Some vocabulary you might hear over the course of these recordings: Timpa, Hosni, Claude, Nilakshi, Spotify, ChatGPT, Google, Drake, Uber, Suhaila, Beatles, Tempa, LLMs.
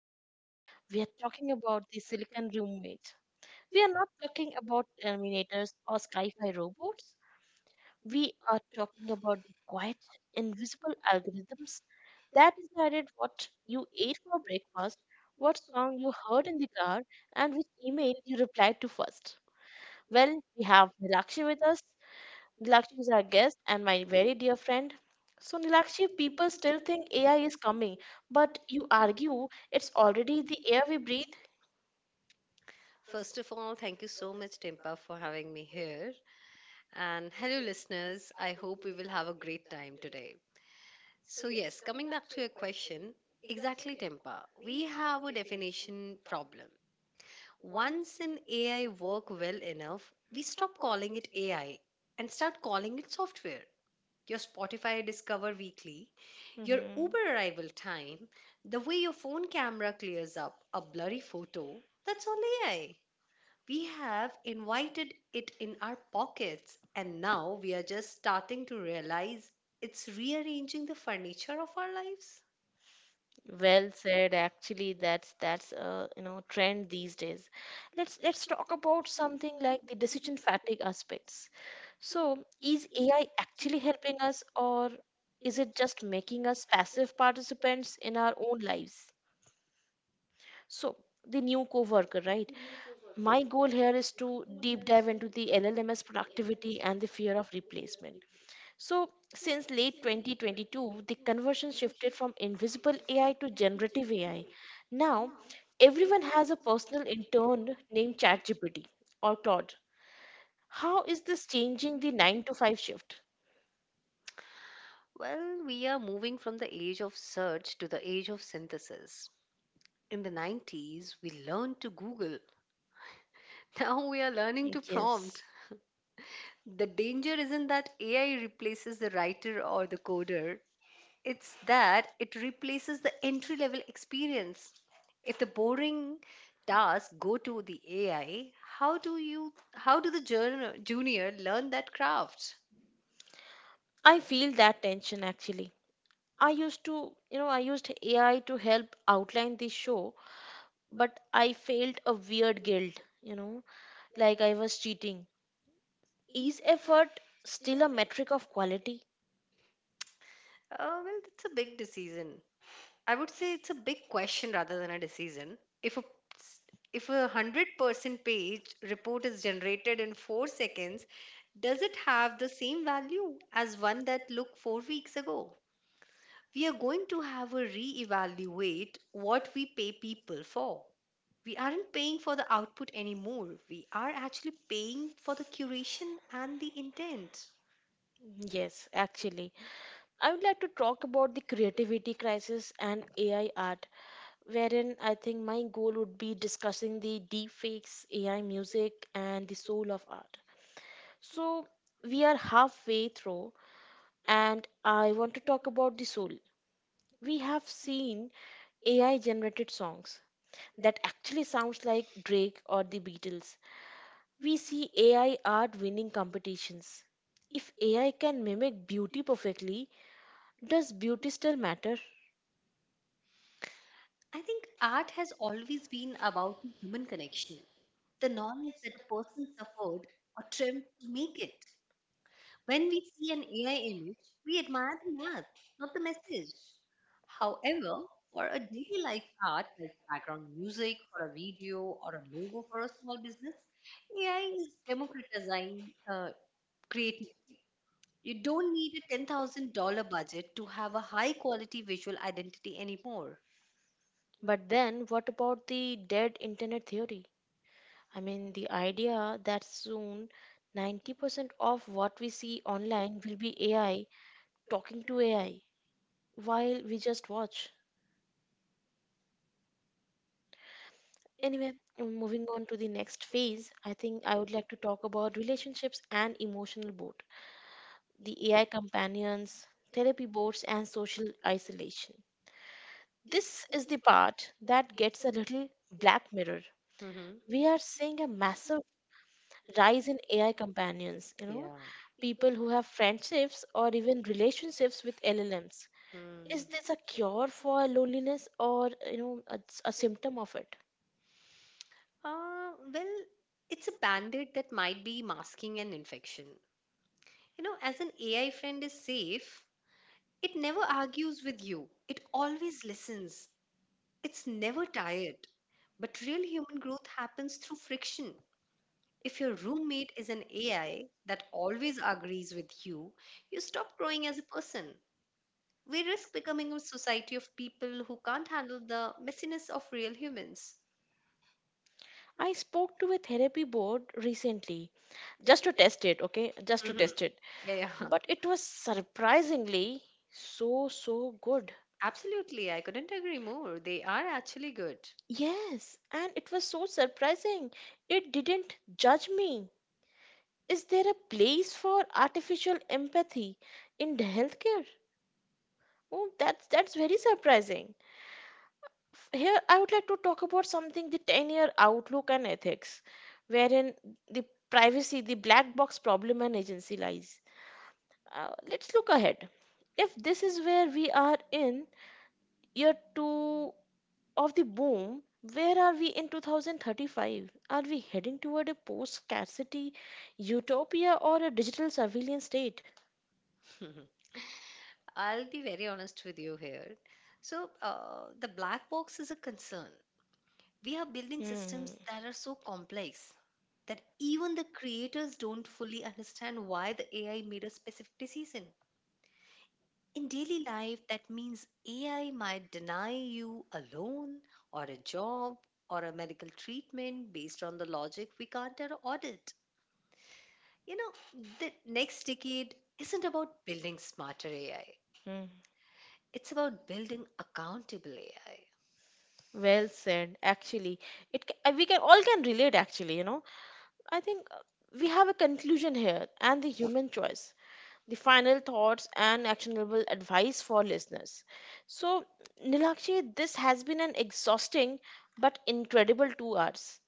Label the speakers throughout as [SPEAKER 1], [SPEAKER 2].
[SPEAKER 1] Today, we are talking about the Silicon Roommate. We are not talking about Terminators or sci fi robots. We are talking about the quiet, invisible algorithms that decided what you ate for breakfast, what song you heard in the car, and which email you replied to first. Well, we have Nilakshi with us. Nilakshi is our guest and my very dear friend. So, Nilakshi, people still think AI is coming, but you argue it's already the air we breathe.
[SPEAKER 2] First of all, thank you so much, Timpa, for having me here. And hello, listeners. I hope we will have a great time today. So, yes, coming back to your question, exactly, Tempa, we have a definition problem. Once an AI work well enough, we stop calling it AI and start calling it software. Your Spotify Discover Weekly, your
[SPEAKER 1] Mhm.
[SPEAKER 2] Uber arrival time, the way your phone camera clears up a blurry photo, that's all AI. We have invited it in our pockets, and now we are just starting to realize it's rearranging the furniture of our lives.
[SPEAKER 1] Well said. Actually, that's a trend these days. Let's talk about something like the decision fatigue aspects. So, is AI actually helping us, or is it just making us passive participants in our own lives? So, the new coworker, right? My goal here is to deep dive into the LLMS productivity and the fear of replacement. So, since late 2022, the conversion shifted from invisible AI to generative AI. Now, everyone has a personal intern named ChatGPT or Claude. How is this changing the 9 to 5 shift?
[SPEAKER 2] Well, we are moving from the age of search to the age of synthesis. In the 90s, we learned to Google. Now we are learning to prompt.
[SPEAKER 1] Yes.
[SPEAKER 2] The danger isn't that AI replaces the writer or the coder. It's that it replaces the entry level experience. If the boring tasks go to the AI, how do the junior learn that craft?
[SPEAKER 1] I feel that tension actually. I used to, I used AI to help outline the show, but I felt a weird guilt, like I was cheating. Is effort still a metric of quality?
[SPEAKER 2] Well, it's a big decision. I would say it's a big question rather than a decision. S- if 100% page report is generated in 4 seconds, does it have the same value as one that looked 4 weeks ago? We are going to have a reevaluate what we pay people for. We aren't paying for the output anymore. We are actually paying for the curation and the intent.
[SPEAKER 1] Yes, actually. I would like to talk about the creativity crisis and AI art, wherein I think my goal would be discussing the deepfakes, AI music, and the soul of art. So, we are halfway through, and I want to talk about the soul. We have seen AI generated songs that actually sounds like Drake or the Beatles. We see AI art winning competitions. If AI can mimic beauty perfectly, does beauty still matter?
[SPEAKER 2] I think art has always been about the human connection, the knowledge that a person suffered or trimmed to make it. When we see an AI image, we admire the math, not the message. However, for a daily life art like background music for a video or a logo for a small business, AI is democratizing uh, creative. You don't need a $10,000 budget to have a high quality visual identity anymore.
[SPEAKER 1] But then what about the dead internet theory? I mean, the idea that soon 90% of what we see online will be AI talking to AI while we just watch. Anyway, moving on to the next phase, I think I would like to talk about relationships and emotional boredom, the AI companions, therapy boards, and social isolation. This is the part that gets a little black mirror.
[SPEAKER 2] Hmm.
[SPEAKER 1] We are seeing a massive rise in AI companions, you know,
[SPEAKER 2] Yeah.
[SPEAKER 1] people who have friendships or even relationships with LLMs.
[SPEAKER 2] Hmm.
[SPEAKER 1] Is this a cure for loneliness or, a symptom of it?
[SPEAKER 2] Well, it's a bandit that might be masking an infection. You know, as an AI friend is safe, it never argues with you, it always listens, it's never tired. But real human growth happens through friction. If your roommate is an AI that always agrees with you, you stop growing as a person. We risk becoming a society of people who can't handle the messiness of real humans.
[SPEAKER 1] I spoke to a therapy board recently just to test it, okay? Just to
[SPEAKER 2] Mhm.
[SPEAKER 1] test it.
[SPEAKER 2] Yeah, yeah.
[SPEAKER 1] But it was surprisingly so, so good.
[SPEAKER 2] Absolutely. I couldn't agree more. They are actually good.
[SPEAKER 1] Yes, and it was so surprising. It didn't judge me. Is there a place for artificial empathy in the healthcare? Oh, that's very surprising. Here, I would like to talk about something, the 10-year outlook and ethics, wherein the privacy, the black box problem and agency lies. Let's look ahead. If this is where we are in year two of the boom, where are we in 2035? Are we heading toward a post scarcity utopia or a digital surveillance state?
[SPEAKER 2] I'll be very honest with you here. So, the black box is a concern. We are building
[SPEAKER 1] Hmm.
[SPEAKER 2] systems that are so complex that even the creators don't fully understand why the AI made a specific decision. In daily life, that means AI might deny you a loan or a job or a medical treatment based on the logic we can't audit. You know, the next decade isn't about building smarter AI,
[SPEAKER 1] Hmm.
[SPEAKER 2] it's about building accountable AI.
[SPEAKER 1] Well said. Actually, we can all can relate. Actually, you know, I think we have a conclusion here and the human choice, the final thoughts and actionable advice for listeners. So, Nilakshi, this has been an exhausting but incredible 2 hours.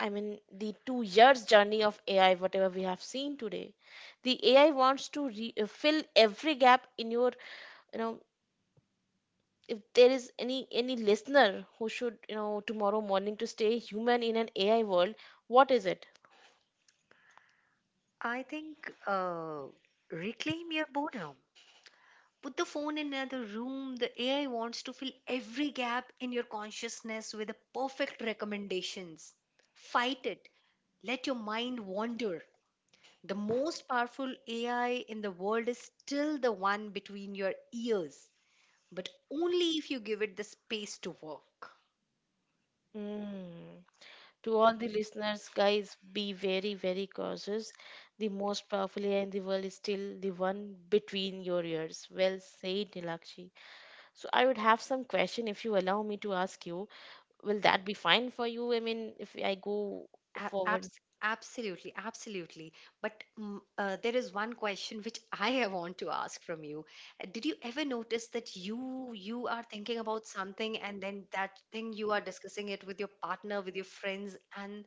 [SPEAKER 1] I mean, the 2 years journey of AI, whatever we have seen today. The AI wants to fill every gap in your, you know, if there is any listener who should, you know, tomorrow morning to stay human in an AI world, what is it?
[SPEAKER 2] I think reclaim your boredom. Put the phone in another room. The AI wants to fill every gap in your consciousness with the perfect recommendations. Fight it. Let your mind wander. The most powerful AI in the world is still the one between your ears, but only if you give it the space to work.
[SPEAKER 1] Mm. To all the listeners, guys, be very, very cautious. The most powerful AI in the world is still the one between your ears. Well said, Nilakshi. So I would have some question if you allow me to ask you. Will that be fine for you? I mean, if I go forward,
[SPEAKER 2] Absolutely, absolutely. But there is one question which I want to ask from you. Did you ever notice that you are thinking about something and then that thing you are discussing it with your partner, with your friends, and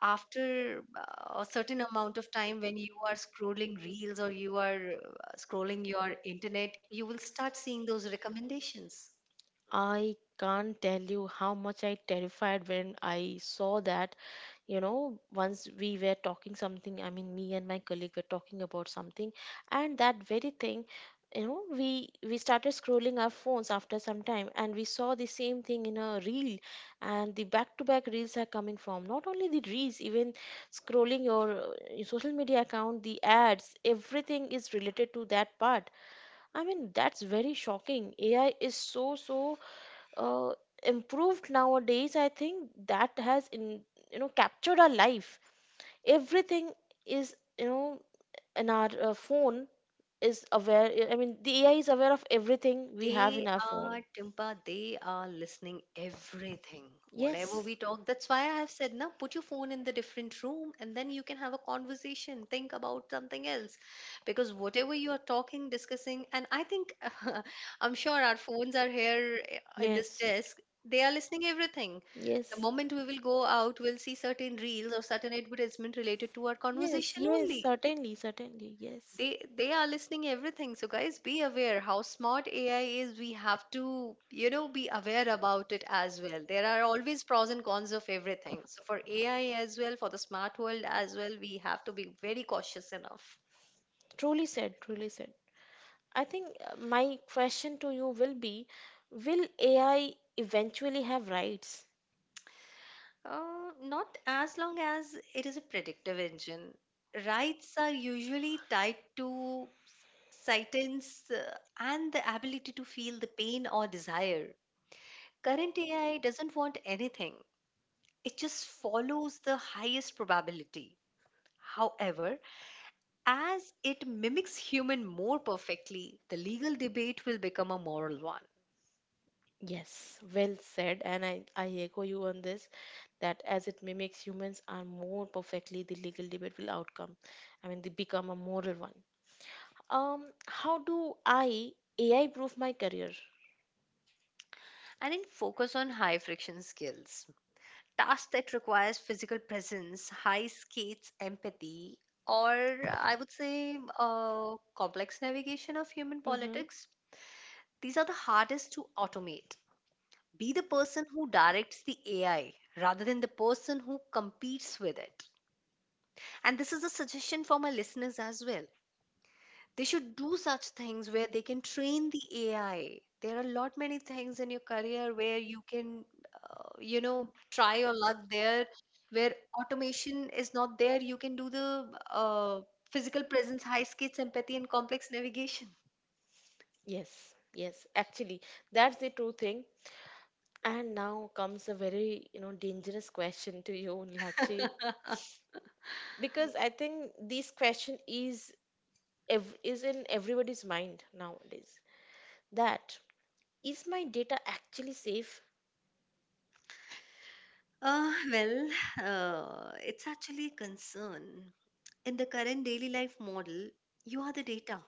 [SPEAKER 2] after a certain amount of time when you are scrolling reels or you are scrolling your internet, you will start seeing those recommendations.
[SPEAKER 1] I can't tell you how much I terrified when I saw that, you know, once we were talking something, I mean me and my colleague were talking about something, and that very thing, you know, we started scrolling our phones after some time and we saw the same thing in a reel. And the back to back reels are coming from, not only the reels, even scrolling your social media account, the ads, everything is related to that part. I mean that's very shocking. AI is so so uh, improved nowadays. I think that has, in you know, captured our life. Everything is, you know, in our phone, is aware. I mean the AI is aware of everything we have in
[SPEAKER 2] They
[SPEAKER 1] our phone.
[SPEAKER 2] are, Timpa, they are listening everything. Whatever
[SPEAKER 1] Yes,
[SPEAKER 2] we talk, that's why I have said now put your phone in the different room and then you can have a conversation, think about something else. Because whatever you are talking, discussing, and I think I'm sure our phones are here in this
[SPEAKER 1] yes,
[SPEAKER 2] desk. They are listening everything. The
[SPEAKER 1] yes,
[SPEAKER 2] moment we will go out, we'll see certain reels or certain advertisement related to our
[SPEAKER 1] yes,
[SPEAKER 2] conversation
[SPEAKER 1] yes,
[SPEAKER 2] only.
[SPEAKER 1] certainly, certainly, yes.
[SPEAKER 2] They are listening everything. So, guys, be aware how smart AI is. We have to, you know, be aware about it as well. There are always pros and cons of everything, so for AI as well, for the smart world as well, we have to be very cautious enough.
[SPEAKER 1] Truly said, truly said. I think my question to you will be, will AI eventually have rights?
[SPEAKER 2] Not as long as it is a predictive engine, rights are usually tied to sentence, and the ability to feel the pain or desire. Current AI doesn't want anything. It just follows the highest probability. However, as it mimics human more perfectly, the legal debate will become a moral one.
[SPEAKER 1] Yes, well said. And I echo you on this, that as it mimics humans are more perfectly, the legal debate will outcome. I mean, they become a moral one. How do I AI proof my career?
[SPEAKER 2] And in focus on high friction skills, tasks that requires physical presence, high skates, empathy, or I would say complex navigation of human
[SPEAKER 1] Mm-hmm.
[SPEAKER 2] politics, these are the hardest to automate. Be the person who directs the AI rather than the person who competes with it. And this is a suggestion for my listeners as well. They should do such things where they can train the AI. There are a lot many things in your career where you can, you know, try your luck there, where automation is not there. You can do the uh, physical presence, high skates, empathy, and complex navigation.
[SPEAKER 1] Yes, yes. Actually, that's the true thing. And now comes a very, you know, dangerous question to you, Lakshi, because I think this question is is in everybody's mind nowadays. That is, my data actually safe?
[SPEAKER 2] Well, it's actually a concern. In the current daily life model, you are the data.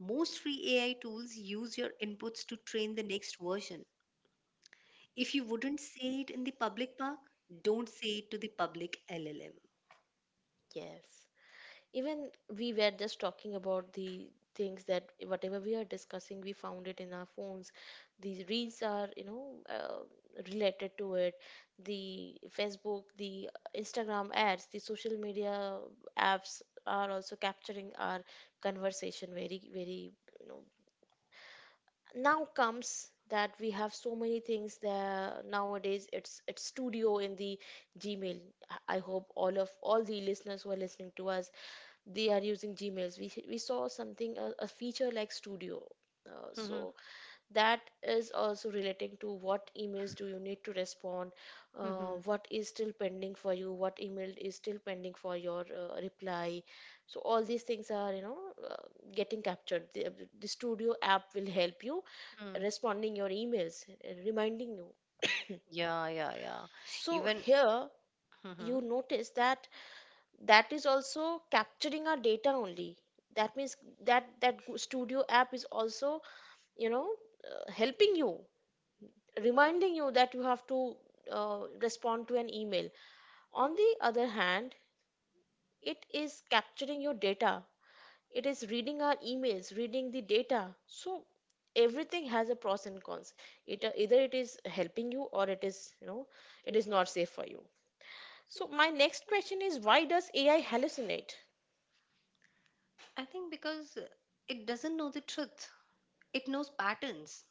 [SPEAKER 2] Most free AI tools use your inputs to train the next version. If you wouldn't say it in the public park, don't say it to the public LLM.
[SPEAKER 1] Yes. Even we were just talking about the things that whatever we are discussing, we found it in our phones. The reels are, you know, related to it. The Facebook, the Instagram ads, the social media apps are also capturing our conversation very very, you know, now comes that we have so many things there nowadays. It's studio in the Gmail. I hope all of all the listeners who are listening to us, they are using Gmails. We saw something, a feature like studio,
[SPEAKER 2] Mhm.
[SPEAKER 1] so that is also relating to what emails do you need to respond,
[SPEAKER 2] Mhm.
[SPEAKER 1] what is still pending for you, what email is still pending for your reply. So all these things are, you know, uh, getting captured. The studio app will help you
[SPEAKER 2] Mm.
[SPEAKER 1] responding your emails, reminding you.
[SPEAKER 2] Yeah, yeah, yeah.
[SPEAKER 1] So
[SPEAKER 2] Even,
[SPEAKER 1] here
[SPEAKER 2] mhm.
[SPEAKER 1] you notice that that is also capturing our data only. That means that that studio app is also, you know, helping you, reminding you that you have to respond to an email. On the other hand, it is capturing your data, it is reading our emails, reading the data. So everything has a pros and cons. It either it is helping you or it is, you know, it is not safe for you. So my next question is, why does AI hallucinate?
[SPEAKER 2] I think because it doesn't know the truth. It knows patterns.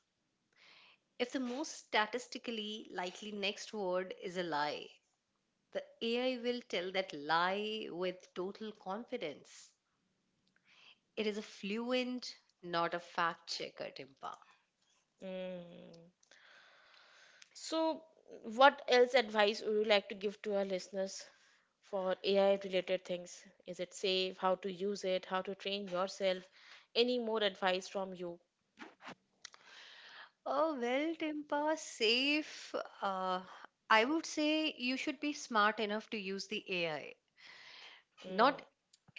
[SPEAKER 2] If the most statistically likely next word is a lie, the AI will tell that lie with total confidence. It is a fluent, not a fact checker, Timpa.
[SPEAKER 1] Mm. So what else advice would you like to give to our listeners for AI related things? Is it safe? How to use it? How to train yourself? Any more advice from you?
[SPEAKER 2] Oh, well, Timpa, safe. Uh, I would say you should be smart enough to use the AI,
[SPEAKER 1] Mm.
[SPEAKER 2] not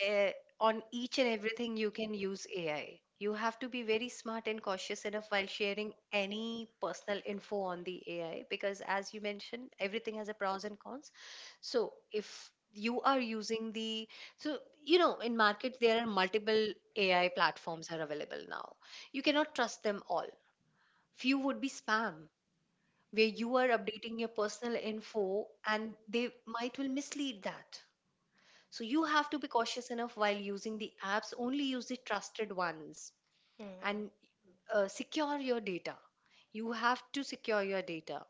[SPEAKER 2] eh, on each and everything you can use AI. You have to be very smart and cautious enough while sharing any personal info on the AI because, as you mentioned, everything has a pros and cons. So, if you are using the, so, you know, in market there are multiple AI platforms are available now. You cannot trust them all. Few would be spam where you are updating your personal info and they might will mislead that, so you have to be cautious enough while using the apps, only use the trusted ones
[SPEAKER 1] Mm.
[SPEAKER 2] and secure your data. You have to secure your data.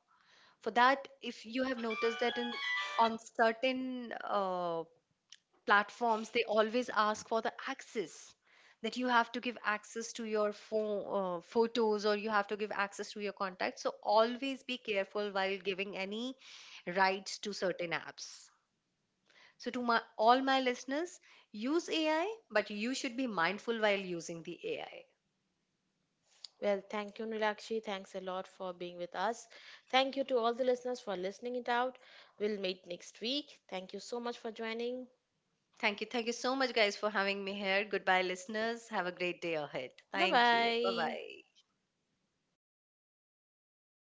[SPEAKER 2] For that, if you have noticed that in on certain platforms, they always ask for the access that you have to give access to your photos or you have to give access to your contacts. So always be careful while giving any rights to certain apps. So, all my listeners, use AI, but you should be mindful while using the AI.
[SPEAKER 1] Well, thank you, Nilakshi. Thanks a lot for being with us. Thank you to all the listeners for listening it out. We'll meet next week. Thank you so much for joining.
[SPEAKER 2] Thank you. Thank you so much, guys, for having me here. Goodbye, listeners. Have a great day ahead.
[SPEAKER 1] Bye
[SPEAKER 2] Thank you. Bye
[SPEAKER 1] bye.
[SPEAKER 2] bye.